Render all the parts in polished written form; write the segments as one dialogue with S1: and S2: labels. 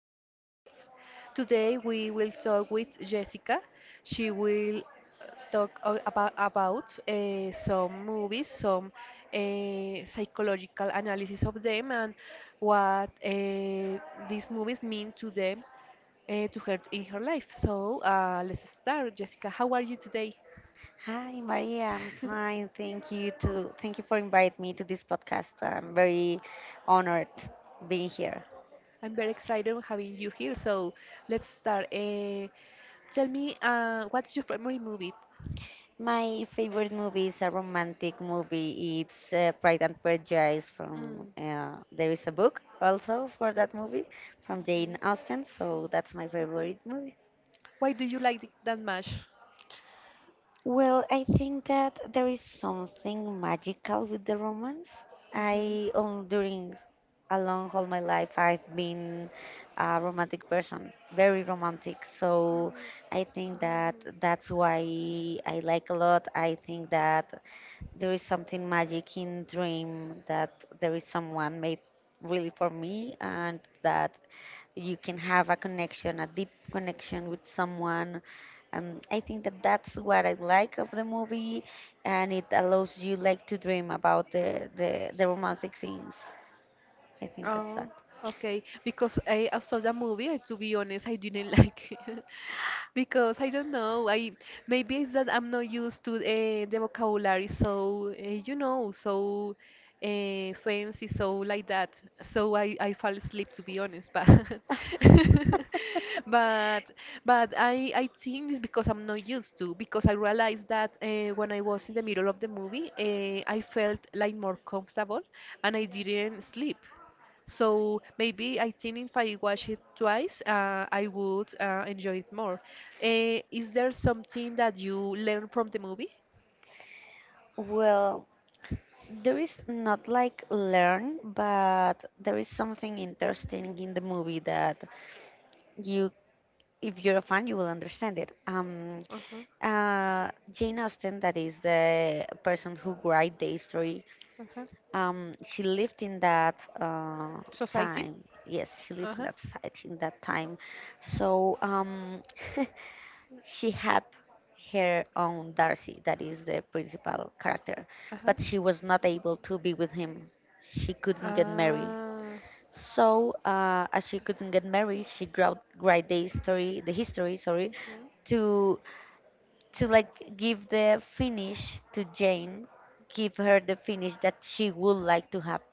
S1: podcast. Today we will talk with Jessica. She will talk about some movies, some psychological analysis of them, and what these movies mean to them, to her in her life. So let's start. Jessica, how are you today?
S2: Hi, Maria. I'm fine. Thank you for inviting me to this podcast. I'm very honored being here.
S1: I'm very excited on having you here. So let's start. Tell me, what's your favorite movie?
S2: My favorite movie is a romantic movie. It's Pride and Prejudice from
S1: Mm.
S2: there is a book also for that movie from
S1: Mhm.
S2: Jane Austen. So that's my favorite movie.
S1: Why do you like it that much?
S2: Well, I think that there is something magical with the romance. I during along all my life I've been a romantic person, very romantic. So I think that that's why I like a lot. I think that there is something magic in dream that there is someone made really for me and that you can have a
S1: Hmm.
S2: connection, a deep connection with someone. I think that that's what I like of the movie, and it allows you like to dream about the romantic things. I think that's
S1: Oh,
S2: that.
S1: okay. Because I saw the movie, and to be honest, I didn't like it. Because I don't know, I maybe it's that I'm not used to the vocabulary, so fancy, so like that. So I fall asleep, to be honest. But but but I think it's because I'm not used to. Because I realized that when I was in the middle of the movie, I felt like more comfortable, and I didn't sleep. So maybe I think if I watch it twice, I would enjoy it more. Is there something that you learn from the movie?
S2: Well, there is not like learn, but there is something interesting in the movie that you, if you're a fan, you will understand it.
S1: Uh-huh.
S2: Jane Austen, that is the person who write the history,
S1: Uh-huh.
S2: she lived in that
S1: Society?
S2: time. Yes, she lived in
S1: Uh-huh.
S2: that site in that time. So she had her own Darcy, that is the principal character,
S1: Uh-huh.
S2: but she was not able to be with him. She couldn't get married.
S1: Ah.
S2: So, as she couldn't get married, she wrote write the history, sorry,
S1: Mhm.
S2: to to like give the finish to Jane, give her the finish that she would like to have.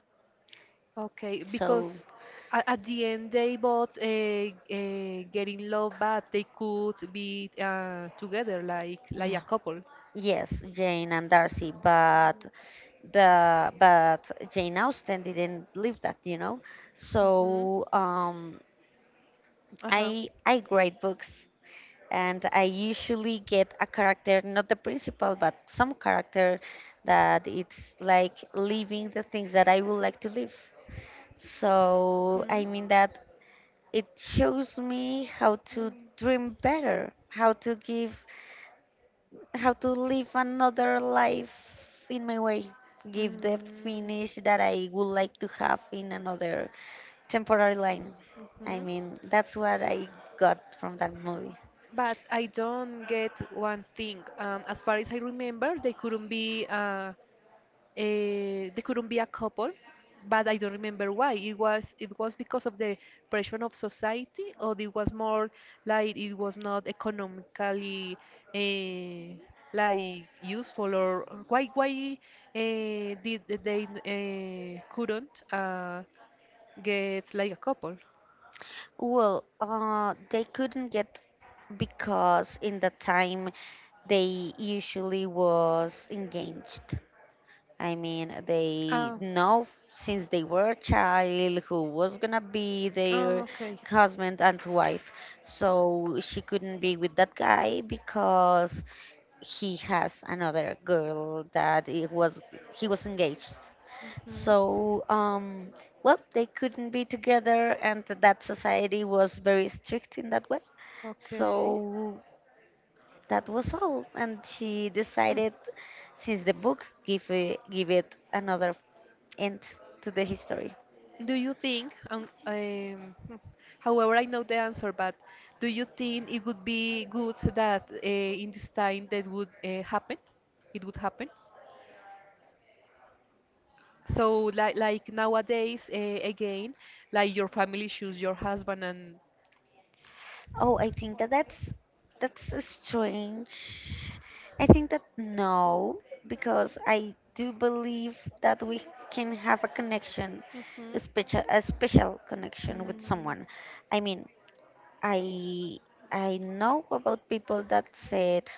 S1: Okay,
S2: So,
S1: because at the end they both get in love, but they could be together like a
S2: yeah,
S1: couple.
S2: yes, Jane and Darcy, but the but Jane Austen didn't live that, you know.
S1: Mm-hmm.
S2: So
S1: Uh-huh.
S2: I grade books, and I usually get a character, not the principal, but some character that it's like living the things that I would like to live. So
S1: Mm-hmm.
S2: I mean that it shows me how to dream better, how to give how to live another life in my way, give the finish
S1: Mm-hmm.
S2: that I would like to have in another temporary line. I
S1: Mhm.
S2: mean, that's what I got from that movie.
S1: But I don't get one thing. As far as I remember, they couldn't be a couple, but I don't remember why. It was because of the pressure of society, or it was more like it was not economically uh, like useful, or why did they couldn't get like a couple?
S2: Well, they couldn't get because in the time they usually was engaged. I mean, they
S1: Ah,
S2: know since they were a child who was gonna be
S1: oh,
S2: their
S1: okay.
S2: husband and wife. So she couldn't be with that guy because he has another girl that it was he was engaged.
S1: Mhm.
S2: So well they couldn't be together and that society was very strict in that way.
S1: Okay.
S2: So that was all, and she decided, since the book give it another end to the history.
S1: Do you think, however, I know the answer, but do you think it would be good that in this time that would happen? It would happen. So, like nowadays, again, like your family choose your husband and.
S2: Oh, I think that that's a strange. I think that no, because I do believe that we can have a connection, a
S1: Mhm.
S2: special a special connection with
S1: Mm.
S2: someone. I mean, I I know about people that said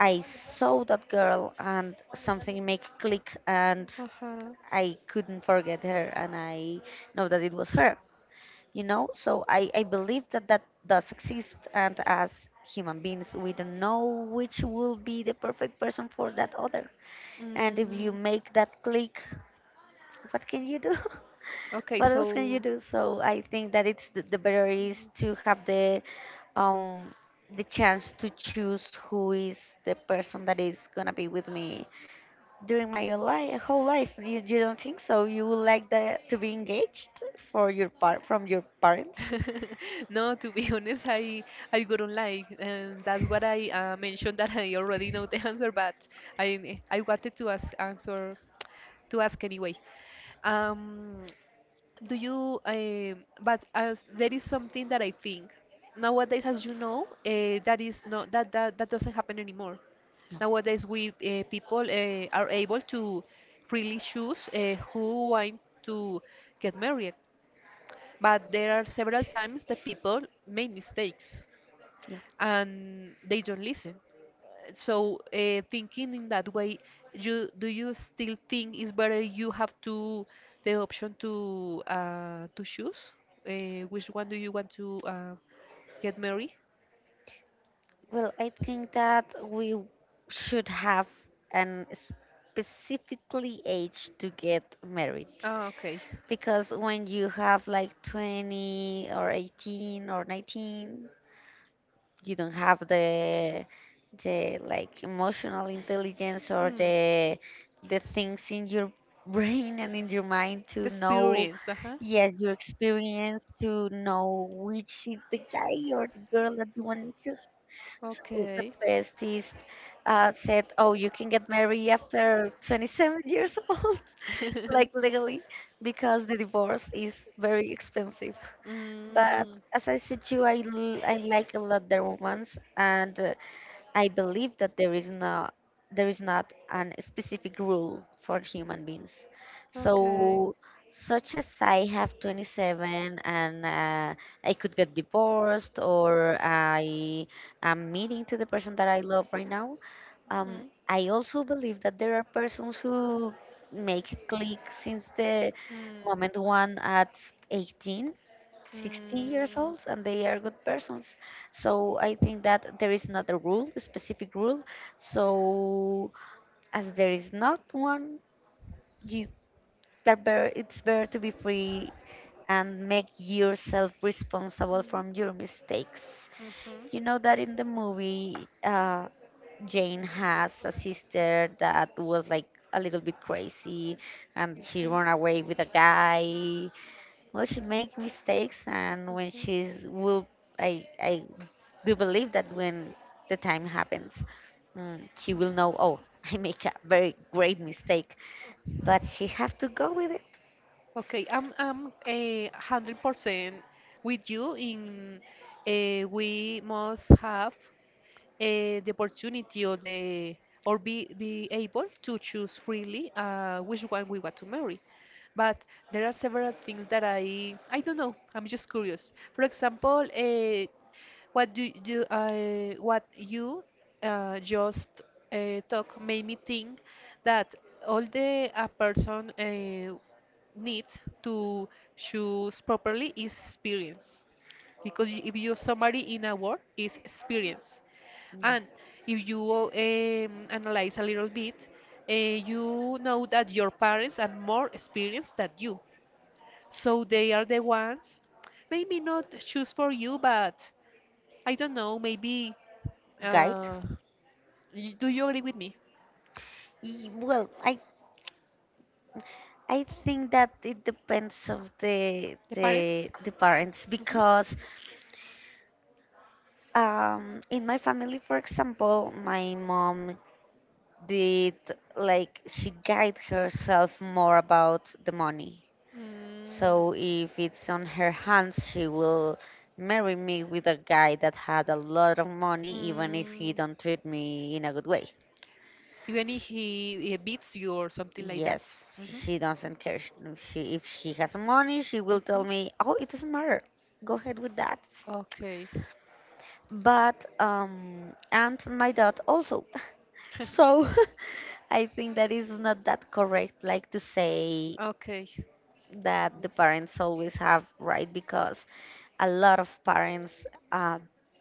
S2: I saw that girl and something make click and
S1: Uh-huh.
S2: I couldn't forget her and I know that it was her, you know? So I believe that that does exist. And as human beings, we don't know which will be the perfect person for that other. And if you
S1: Mm.
S2: make that click, what can you do?
S1: Okay,
S2: what else can you
S1: so.
S2: do? So I think that it's the better is to have um, the chance to choose who is the person that is gonna be with me during my life, whole life. You don't think so? You would like that to be engaged for your part from your parents?
S1: No, to be honest, I wouldn't like, and that's what I mentioned that I already know the answer, but I wanted to ask answer to ask anyway. Um, do you? But there is something that I think nowadays, as you know, that is not that doesn't happen anymore.
S2: Yeah,
S1: Nowadays, we people are able to freely choose who want to get married. But there are several times that people make mistakes
S2: yeah.
S1: and they don't listen. So thinking in that way, you do you still think it's better you have to the option to choose which one do you want to get married?
S2: Well, I think that we should have an specifically age to get married.
S1: Ah, okay.
S2: Because when you have like 20 or 18 or 19, you don't have the like emotional intelligence or
S1: Hmm.
S2: the things in your brain and in your mind to
S1: The
S2: know
S1: experience, uh-huh.
S2: yes your experience to know which is the guy or the girl that you want to choose so the
S1: Okay.
S2: best is said oh you can get married after 27 years old like legally because the divorce is very expensive but
S1: Mm.
S2: as I said to you, I like a lot the romance, and I believe that there is not an specific rule for human beings.
S1: Okay.
S2: So, such as I have 27 and I could get divorced, or I am meeting to the person that I love right now.
S1: Mm.
S2: I also believe that there are persons who make click since the
S1: Mm.
S2: moment one at 18 60 years
S1: Mm.
S2: old and they are good persons. So I think that there is not a rule, a specific rule. So as there is not one, you it's better to be free and make yourself responsible
S1: Mm.
S2: from your mistakes.
S1: Mhm.
S2: You know that in the movie, Jane has a sister that was like a little bit crazy and she
S1: Mhm.
S2: ran away with a guy well, she make mistakes, and when
S1: Mhm.
S2: she's will, I do believe that when the time happens, mm, she will know. Oh, I make a very great mistake, but she have to go with it.
S1: Okay, I'm 100% with you in we must have the opportunity or the or be able to choose freely which one we want to marry. But there are several things that I don't know. I'm just curious. For example, what you just talk made me think that all the a person needs to choose properly is experience because if you summary in a word is experience and if you analyze a little bit, you know that your parents are more experienced than you. So they are the ones, maybe not choose for you, but I don't know, maybe.
S2: Guide?
S1: Uh, do you agree with me?
S2: Well, I think that it depends of the
S1: The parents?
S2: the the parents
S1: Mhm.
S2: because in my family, for example, my mom did like she guide herself more about the money. So if it's on her hands, she will marry me with a guy that had a lot of money, even if he
S1: Mm, mm,
S2: don't treat me in a good way.
S1: even if
S2: S-
S1: he beats you or something like that.
S2: Yes,
S1: Hmm.
S2: she doesn't care. She, if he has money, she will
S1: Hmm.
S2: tell me, "Oh, it doesn't matter. Go ahead with that."
S1: Okay.
S2: But and my dad also. So I think that is not that correct, like to say
S1: Okay.
S2: that
S1: Mm,
S2: the parents always have right because a lot of parents uh,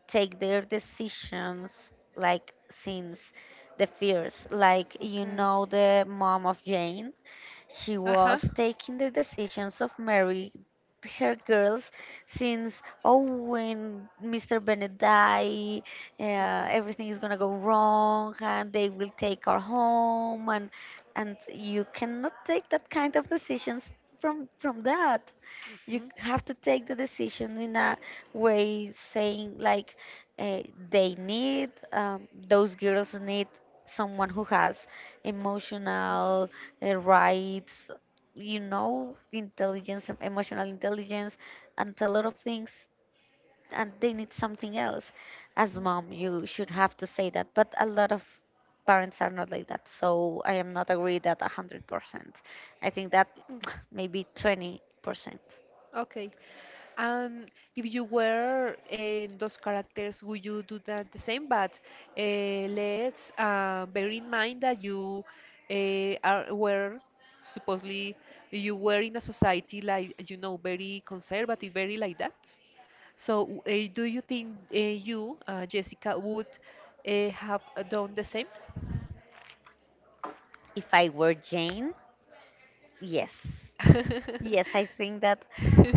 S2: take their decisions like since the fears like you
S1: okay.
S2: know the mom of Jane she
S1: Uh huh.
S2: was taking the decisions of Mary her girls since oh when Mr. Bennett die uh, everything is gonna go wrong and they will take our home and you cannot take that kind of decisions from that you
S1: Hmm. Hmm.
S2: have to take the decision in a way saying like uh, they need those girls
S1: Mm.
S2: need someone who has emotional rights you know intelligence emotional intelligence and a lot of things and they need something else as
S1: Mm.
S2: mom you should have to say that but a lot of parents are not like that so I am not agree that 100% I think that maybe 20%.
S1: Okay. And if you were in those characters, would you do that the same? But let's bear in mind that you are were supposedly you were in a society like you know very conservative, very like that. So, do you think Jessica, would have done the same?
S2: If I were Jane, yes. Yes,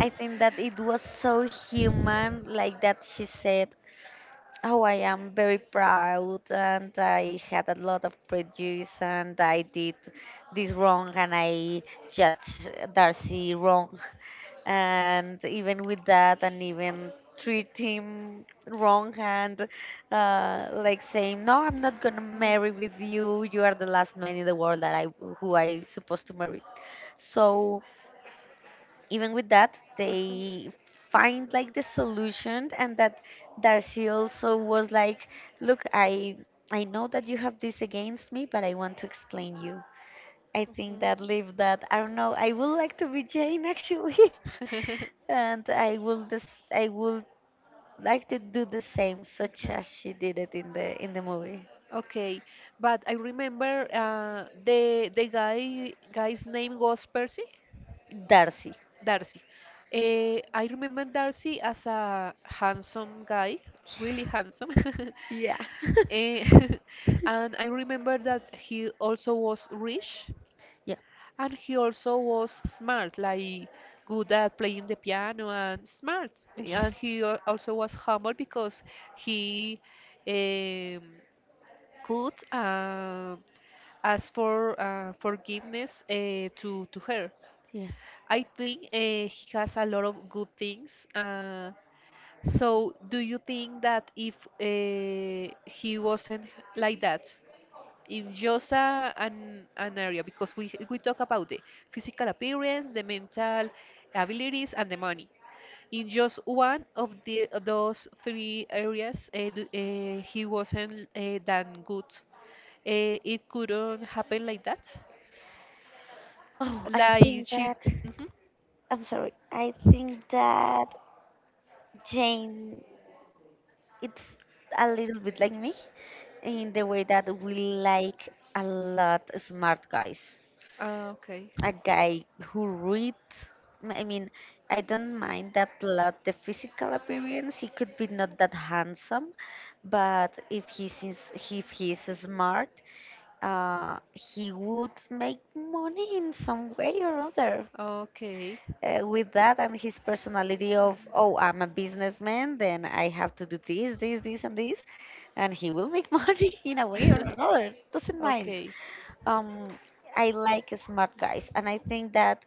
S2: I think that it was so human like that she said oh, I am very proud, and I had a lot of prejudice, and I did this wrong, and I judged Darcy wrong, and even with that, and even treat him wrong, and like saying, "No, I'm not gonna marry with you. You are the last man in the world that I who I supposed to marry." So even with that,
S1: Uh-huh.
S2: they find like the solution, and that Darcy also was like, "Look, I know that you have this against me, but I want to explain you." I think that leave that. I don't know. I would like to be Jane actually,
S1: Mhm.
S2: and I will this I would like to do the same, such
S1: Okay.
S2: as she did it in the movie.
S1: Okay, but I remember the guy's name was Percy
S2: Darcy.
S1: Darcy. I remember Darcy as a handsome guy, really handsome.
S2: Yeah.
S1: Eh, and I remember that he also was rich,
S2: yeah.
S1: and he also was smart, like good at playing the piano and smart. And
S2: Yes.
S1: he also was humble because he um, could asked for forgiveness to her.
S2: Yeah.
S1: I think he has a lot of good things. So, do you think that if he wasn't like that in just an area, because we talk about the physical appearance, the mental abilities, and the money. In just one of those three areas, he wasn't that good. It couldn't happen like that.
S2: Oh, I
S1: Like
S2: think
S1: she.
S2: that.
S1: Mhm.
S2: I'm sorry. I think that Jane, it's a little bit like me in the way that we like a lot smart guys.
S1: Ah, okay.
S2: A guy who read. I mean, I don't mind that lot the physical appearance. He could be not that handsome, but if he's smart, he would make money in some way or other.
S1: Okay.
S2: With that and his personality of oh I'm a businessman then I have to do this and this and he will make money in a way or another doesn't mind
S1: Okay.
S2: um I like smart guys and I think that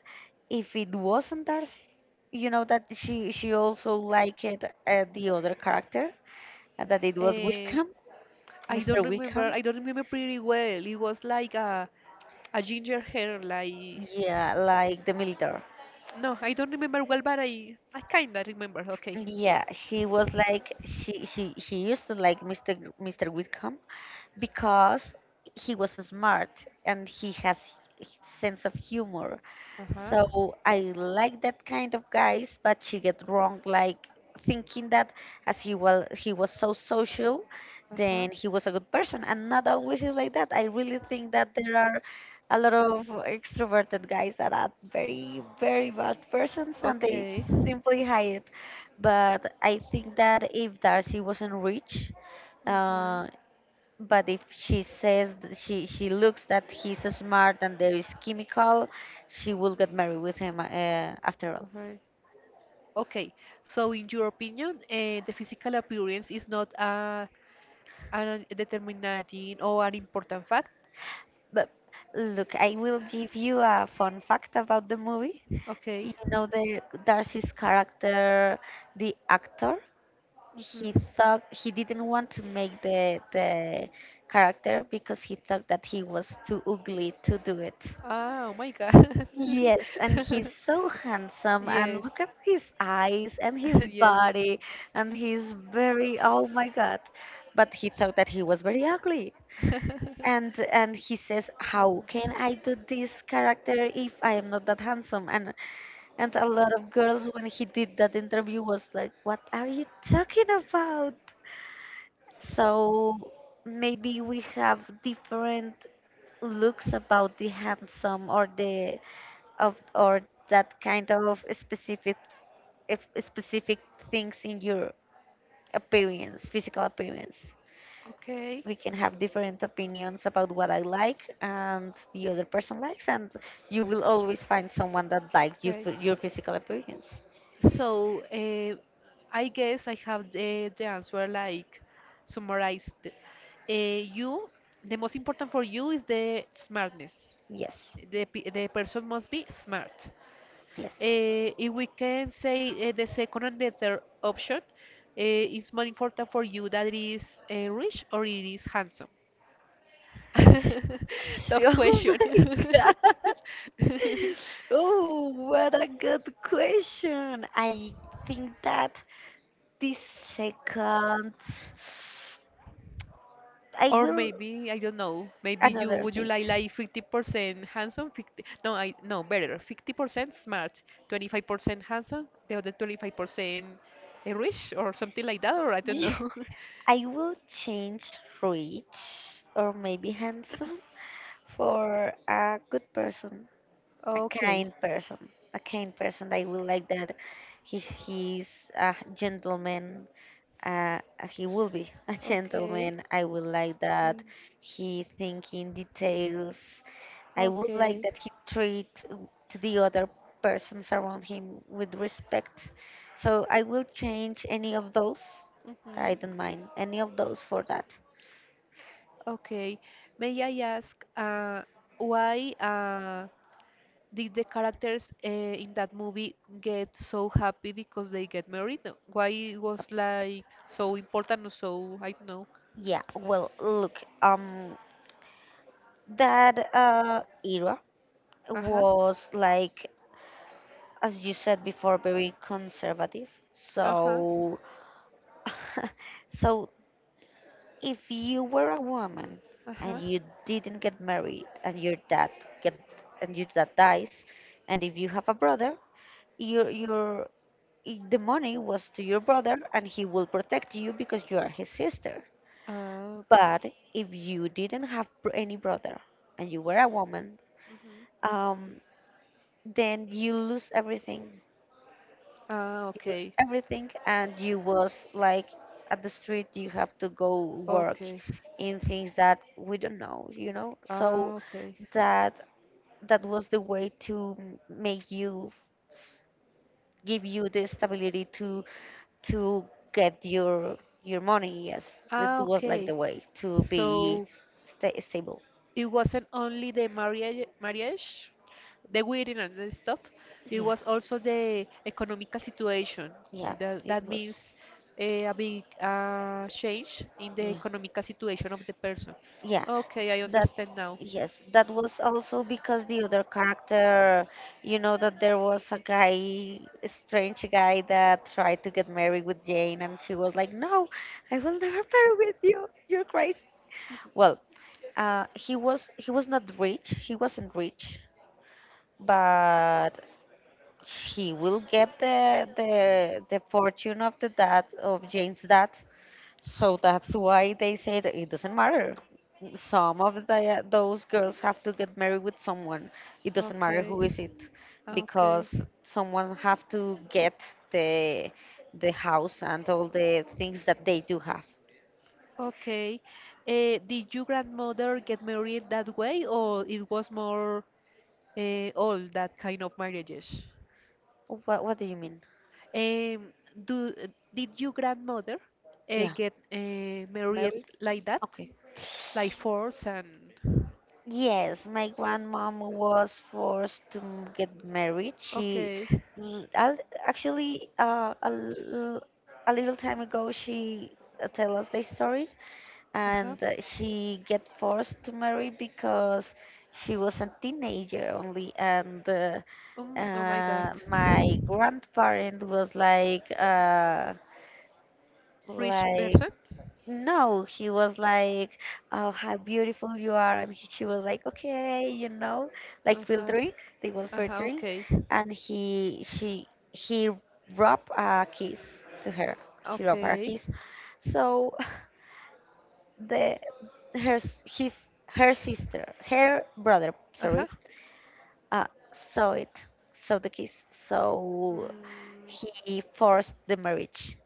S2: if it wasn't Darcy you know that she also liked the other character and that it was
S1: Eh,
S2: Wickham.
S1: I don't
S2: Mr.
S1: remember.
S2: Wickham,
S1: I don't remember pretty well. It was like a ginger hair.
S2: yeah like the military
S1: No, I don't remember well, but I kinda remember. Okay.
S2: yeah she was like she used to like Mr. Wickham because he was smart and he has sense of humor.
S1: Uh-huh.
S2: So I like that kind of guys, but she get wrong like thinking that as he well he was so social,
S1: Uh-huh.
S2: then he was a good person, and not always is like that. I really think that there are a lot of extroverted guys that are very bad persons and they
S1: Okay. Hmm.
S2: simply hide. But I think that if Darcy wasn't rich, uh. But if she says she looks that he's smart and there is chemical, she will get married with him after all.
S1: Okay. Okay. So, in your opinion, the physical appearance is not a determining or an important fact?
S2: But look, I will give you a fun fact about the movie.
S1: Okay.
S2: You know the Darcy's character, the actor, he
S1: Hmm.
S2: thought he didn't want to make the character because he thought that he was too ugly to do it.
S1: Ah, oh my God.
S2: Yes, and he's so handsome, and
S1: Yes.
S2: look at his eyes and his
S1: Yes.
S2: body, and he's very, oh my God. But he thought that he was very ugly. And he says, "How
S1: Hmm.
S2: can I do this character if I am not that handsome?" And a lot of girls when he did that interview was like, "What are you talking about?" So maybe we have different looks about the handsome or the of or that kind of specific if specific things in your appearance, physical appearance.
S1: Okay.
S2: We can have different opinions about what I like and the other person likes, and you will always find someone that likes you,
S1: Okay.
S2: f- your physical appearance.
S1: So I guess I have the answer like summarized. You, the most important for you is the smartness.
S2: Yes,
S1: The person must be smart.
S2: yes.
S1: If we can say the second and the third option, it's more important for you that it is rich or it is handsome. Tough
S2: Oh
S1: question.
S2: my god! Oh, what a good question. I think that the second, I
S1: Or
S2: will.
S1: maybe, I don't know, maybe you
S2: Another
S1: would you
S2: thing.
S1: like 50% handsome, 50, no, I no, better, 50% smart, 25% handsome, the other 25% rich or something like that, or I don't know.
S2: I will change rich or maybe handsome for a good person, a
S1: Okay,
S2: kind person, a kind person. I will like that. He's a gentleman. Uh, he will be a
S1: okay,
S2: gentleman. I will like
S1: mm,
S2: that. He think in details. I would like
S1: okay.
S2: that he treat to the other persons around him with respect. So I will change any of those. I
S1: Mhm.
S2: don't mind any of those for that.
S1: Okay. May I ask, why? Did the characters in that movie get so happy because they get married? Why it
S2: Uh,
S1: was like so important or so, I don't know.
S2: yeah. Well, look. That era
S1: Uh-huh.
S2: was like, as you said before, very conservative.
S1: Uh-huh.
S2: So, so if you were a woman and
S1: Uh-huh.
S2: you didn't get married and your dad get and your dad dies, and if you have a brother, your I- the money was to your brother and he will protect you because you are his sister.
S1: Uh,
S2: But if you didn't have br- any brother and you were a woman,
S1: mhm.
S2: um, then you lose everything.
S1: Ah,
S2: You lose
S1: okay.
S2: everything and you was like at the street you have to go work
S1: Okay.
S2: in things that we don't know. So
S1: Ah, okay.
S2: that that was the way to m- make you s- give you the stability to get your money, yes, it
S1: Ah,
S2: was like
S1: okay.
S2: the way to be
S1: So
S2: sta stable.
S1: it wasn't only the marriage, the wedding and the stuff. It
S2: Yeah,
S1: was also the economical situation.
S2: yeah,
S1: And That,
S2: it
S1: that
S2: was.
S1: means a big change in the
S2: Yeah,
S1: economical situation of the person.
S2: yeah.
S1: Okay, I
S2: That
S1: understand now.
S2: yes, that was also because the other character, you know, that there was a guy, a strange guy that tried to get married with Jane, and she was like, "No, I will never marry with you. You're crazy." Well, he was not rich. He wasn't rich, but he will get the fortune of the dad of Jane's dad, so that's why they said it doesn't matter. Some of the, those girls have to get married with someone. It doesn't matter
S1: Okay,
S2: who is it,
S1: okay.
S2: because someone have to get the the house and all the things that they do have.
S1: Okay. Did your grandmother get married that way, or it was more all that kind of marriages?
S2: What do you mean?
S1: Um, do did your grandmother
S2: Yeah,
S1: get married
S2: married.
S1: like that,
S2: Okay.
S1: like force and?
S2: Yes, my grandmom was forced to m- get married. She
S1: Okay.
S2: l- al- actually a,
S1: Ouch.
S2: l- a little time ago she tell us the story,
S1: Uh-huh.
S2: and she get forced to marry because she was a teenager only, and
S1: Oh my God.
S2: my grandparent was
S1: Rich
S2: like
S1: person?
S2: no he was like, "Oh, how beautiful you are," and he, she was like, "Okay, you know," like
S1: Uh-huh.
S2: filtering, they were
S1: Uh-huh.
S2: filtering,
S1: Okay.
S2: and he she he rubbed a kiss to her, she rubbed her a
S1: Okay.
S2: kiss. So the her s- his her sister her brother,
S1: Uh-huh.
S2: sorry, uh, saw it, saw the kiss. So
S1: Mm,
S2: he forced the marriage,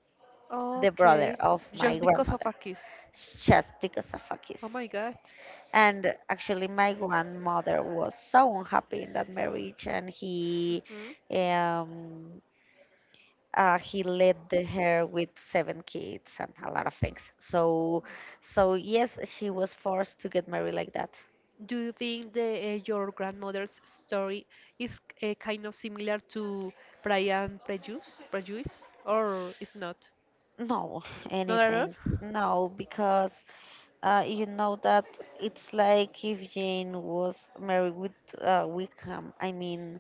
S2: the brother
S1: okay.
S2: of my
S1: Just because of
S2: grandmother,
S1: a kiss.
S2: just because of a
S1: Oh
S2: kiss.
S1: my God.
S2: And actually my grandmother was so unhappy in that marriage, and
S1: Mhm.
S2: um he led the- her with seven kids and a lot of things. So, so yes, she was forced to get married like that.
S1: Do you think the your grandmother's story is kind of similar to Pride and Prejudice, or is not?
S2: No,
S1: Not at
S2: anything.
S1: all.
S2: No, because you know that it's like if Jane was married with Wickham. I mean,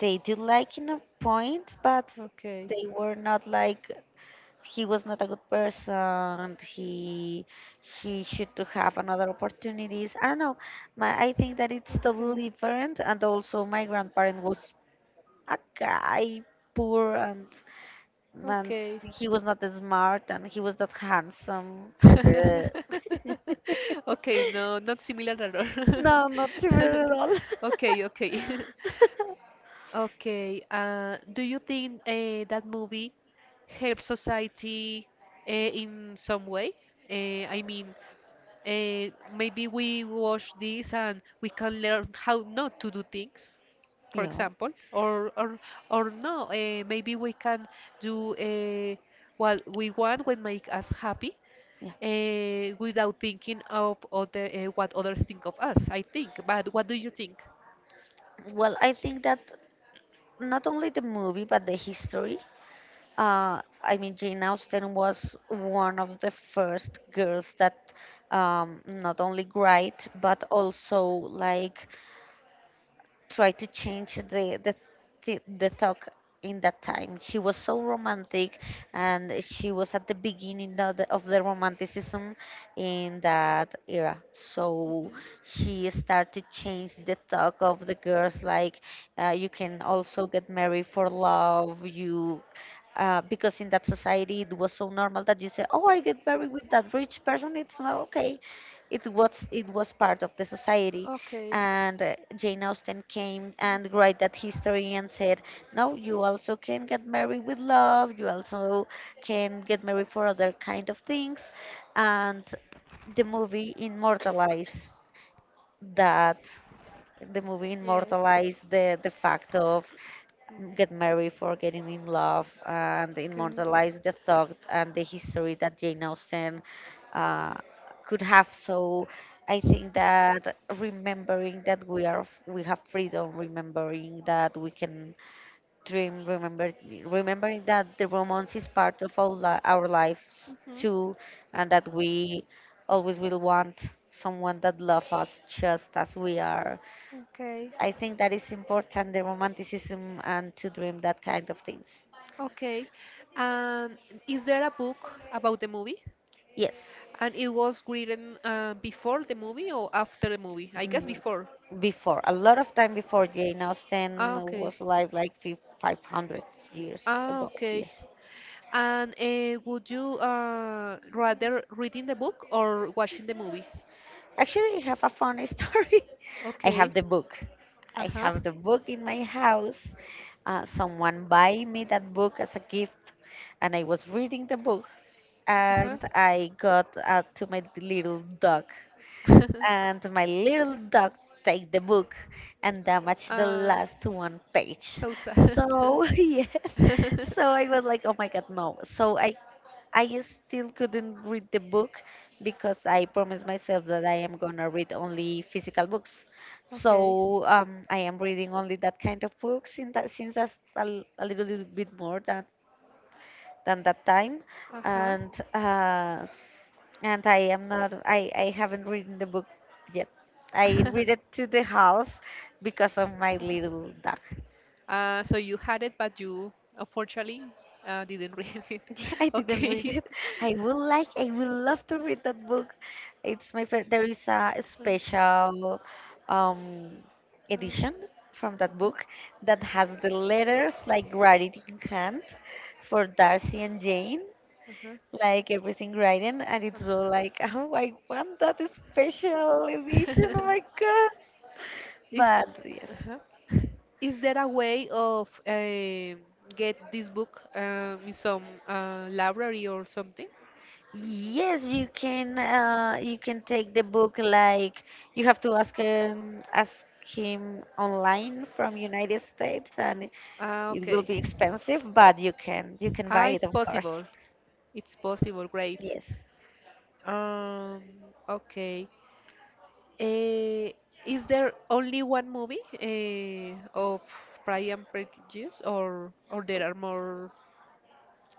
S2: they did like in a point, but
S1: Okay.
S2: they were not like he was not a good person. He should to have another opportunities. I don't know. My I think that it's
S1: Okay.
S2: totally different. And also, my grandparent was a guy, poor, and
S1: Okay.
S2: he was not smart and he was not handsome. Ugh.
S1: Okay, no, not similar at all.
S2: No, not similar at all.
S1: Okay, okay. Okay. Do you think that movie helps society in some way? I mean, maybe we watch this and we can learn how not to do things, for
S2: Yeah,
S1: example, or no. Maybe we can do what we want when make us happy.
S2: yeah.
S1: Without thinking of other, what others think of us, I think. But what do you think?
S2: Well, I think that not only the movie but the history. I mean, Jane Austen was one of the first girls that not only write but also like try to change the talk in that time. She was so romantic, and she was at the beginning of the romanticism in that era. So
S1: Mhm.
S2: she started to change the talk of the girls, like you can also get married for love. You
S1: uh,
S2: because in that society it was so normal that you say, "Oh, I get married with that rich person. It's not okay." It was part of the society,
S1: Okay.
S2: and Jane Austen came and write that history and said, "No, you also can get married with love. You also can get married for other kind of things," and
S1: The movement.
S2: the movie immortalized that. The movie immortalized the fact of
S1: Mm.
S2: get married for getting in love and
S1: Correct.
S2: immortalize the thought and the history that Jane Austen uh, could have. So I think that remembering that we are we have freedom, remembering that we can dream, remember remembering that the romance is part of all li- our lives
S1: Mhm.
S2: too, and that we always will want someone that loves us just as we are.
S1: Okay.
S2: I think that is important, the romanticism and to dream that kind of things.
S1: Okay. And is there a book about the movie?
S2: Yes,
S1: And it was written before the movie or after the movie? I guess
S2: mm,
S1: before.
S2: before, a lot of time before, Jane Austen
S1: Ah, okay.
S2: was alive like fif- 500 years
S1: Ah,
S2: ago.
S1: okay.
S2: Yes.
S1: And would you rather reading the book or watching the movie?
S2: Actually, I have a funny story. I
S1: Okay.
S2: have the book. I
S1: Uh-huh.
S2: have the book in my house. Someone buy me that book as a gift, and I was reading the book,
S1: Uh-huh.
S2: and I got to my little dog. And my little dog take the book and damage the
S1: Uh,
S2: last one page.
S1: so sad.
S2: So yes, so I was like, oh my god, no. So I still couldn't read the book because I promised myself that I am gonna read only physical books.
S1: Okay.
S2: So I am reading only that kind of books in that since that's a, l- a little bit more than that time,
S1: Uh-huh.
S2: and uh, and I am not I, I haven't written the book yet. I read it to the half because of my little dog.
S1: So you had it, but you unfortunately didn't read it.
S2: Yeah, I didn't read
S1: Okay.
S2: it. I would like I would love to read that book. It's my favorite. There is a
S1: So,
S2: special um,
S1: uh,
S2: edition from that book that has the letters like writing in hand for Darcy and Jane,
S1: uh-huh.
S2: like everything writing, and
S1: Uh.
S2: it's all like oh I want that special edition, oh my god.
S1: Is
S2: But yes,
S1: uh Is there a way of get this book in some library or something?
S2: yes, you can take the book, like you have to ask him online from United States, and
S1: Ah,
S2: it will
S1: okay.
S2: be expensive, but you can buy
S1: Ah,
S2: it,
S1: it's
S2: of course.
S1: possible. It's possible. Great.
S2: Yes.
S1: Um, okay. Eh, is there only one movie of Pride and Prejudice, or there are more?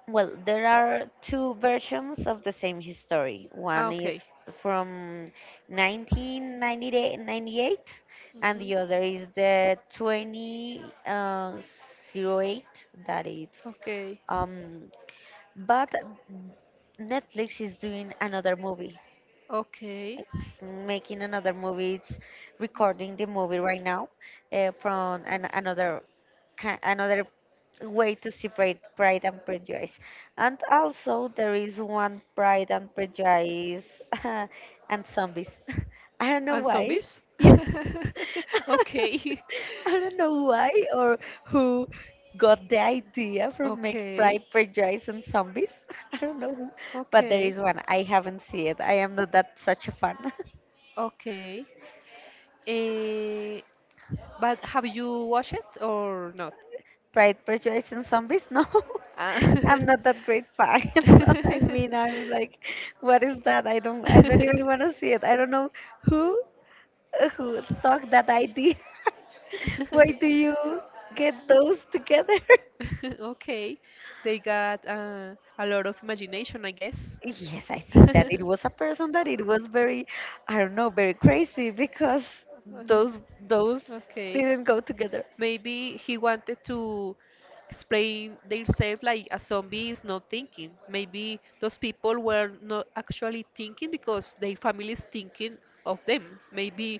S2: Well, there are two versions of the same history.
S1: Ah,
S2: One
S1: okay.
S2: is from 1998, and
S1: Mhm.
S2: the other is the 2008. That is,
S1: Okay.
S2: um but Netflix is doing another movie.
S1: Okay.
S2: It's making another movie. It's recording the movie right now from an, another ki- another way to see Pride, Pride and Prejudice. And also there is one Pride and Prejudice and Zombies. I don't know
S1: And
S2: why.
S1: zombies? Okay.
S2: I don't know why or who got the idea from Make
S1: Okay.
S2: Pride Prejudice and Zombies. I don't know who, but there
S1: Okay.
S2: is one. I haven't seen it. I am not that such a fan.
S1: Okay. Eh, but have you watched it or not?
S2: Pride, Prejudice, and Zombies? No.
S1: Ah.
S2: I'm not that great fan. No, I mean, I'm like, what is that? I don't even want to see it. I don't know who who thought that idea. Why do you get those together?
S1: Okay, they got a lot of imagination, I guess.
S2: Yes, I think that it was a person that it was very, I don't know, very crazy because those those
S1: Okay,
S2: didn't go together.
S1: maybe he wanted to explain themselves like a zombie is not thinking. Maybe those people were not actually thinking because their family is thinking of them. Maybe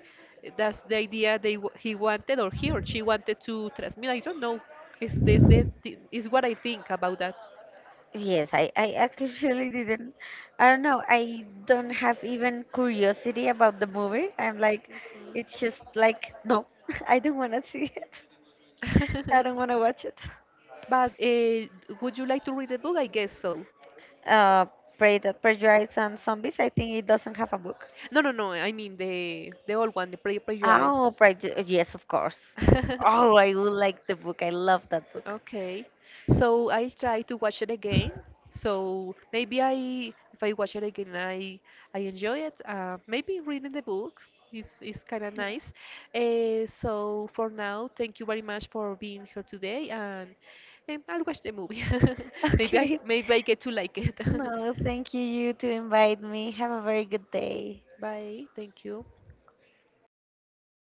S1: that's the idea he wanted or he or she wanted to transmit. I don't know. Is this the th is what I think about that?
S2: Yes, I actually didn't. I don't know. I don't have even curiosity about the movie. I'm like,
S1: Mhm.
S2: it's just like, no, I don't want to see it. I don't want to watch it.
S1: But would you like to read the book? I guess so.
S2: Uh, Prey that Prejudice and Zombies, I think it doesn't have a book.
S1: No, no, no. I mean the old one, the
S2: Oh,
S1: Prejudice.
S2: Prejudice, yes, of course. Oh, I would like the book. I love that book.
S1: Okay, so I'll try to watch it again. So maybe if I watch it again, I enjoy it. Maybe reading the book is kind of nice. So for now, thank you very much for being here today, and I'll watch the movie. Maybe I
S2: Okay.
S1: c- maybe I get to like it.
S2: No, thank you, you, to invite me. Have a very good day.
S1: Bye. Thank you.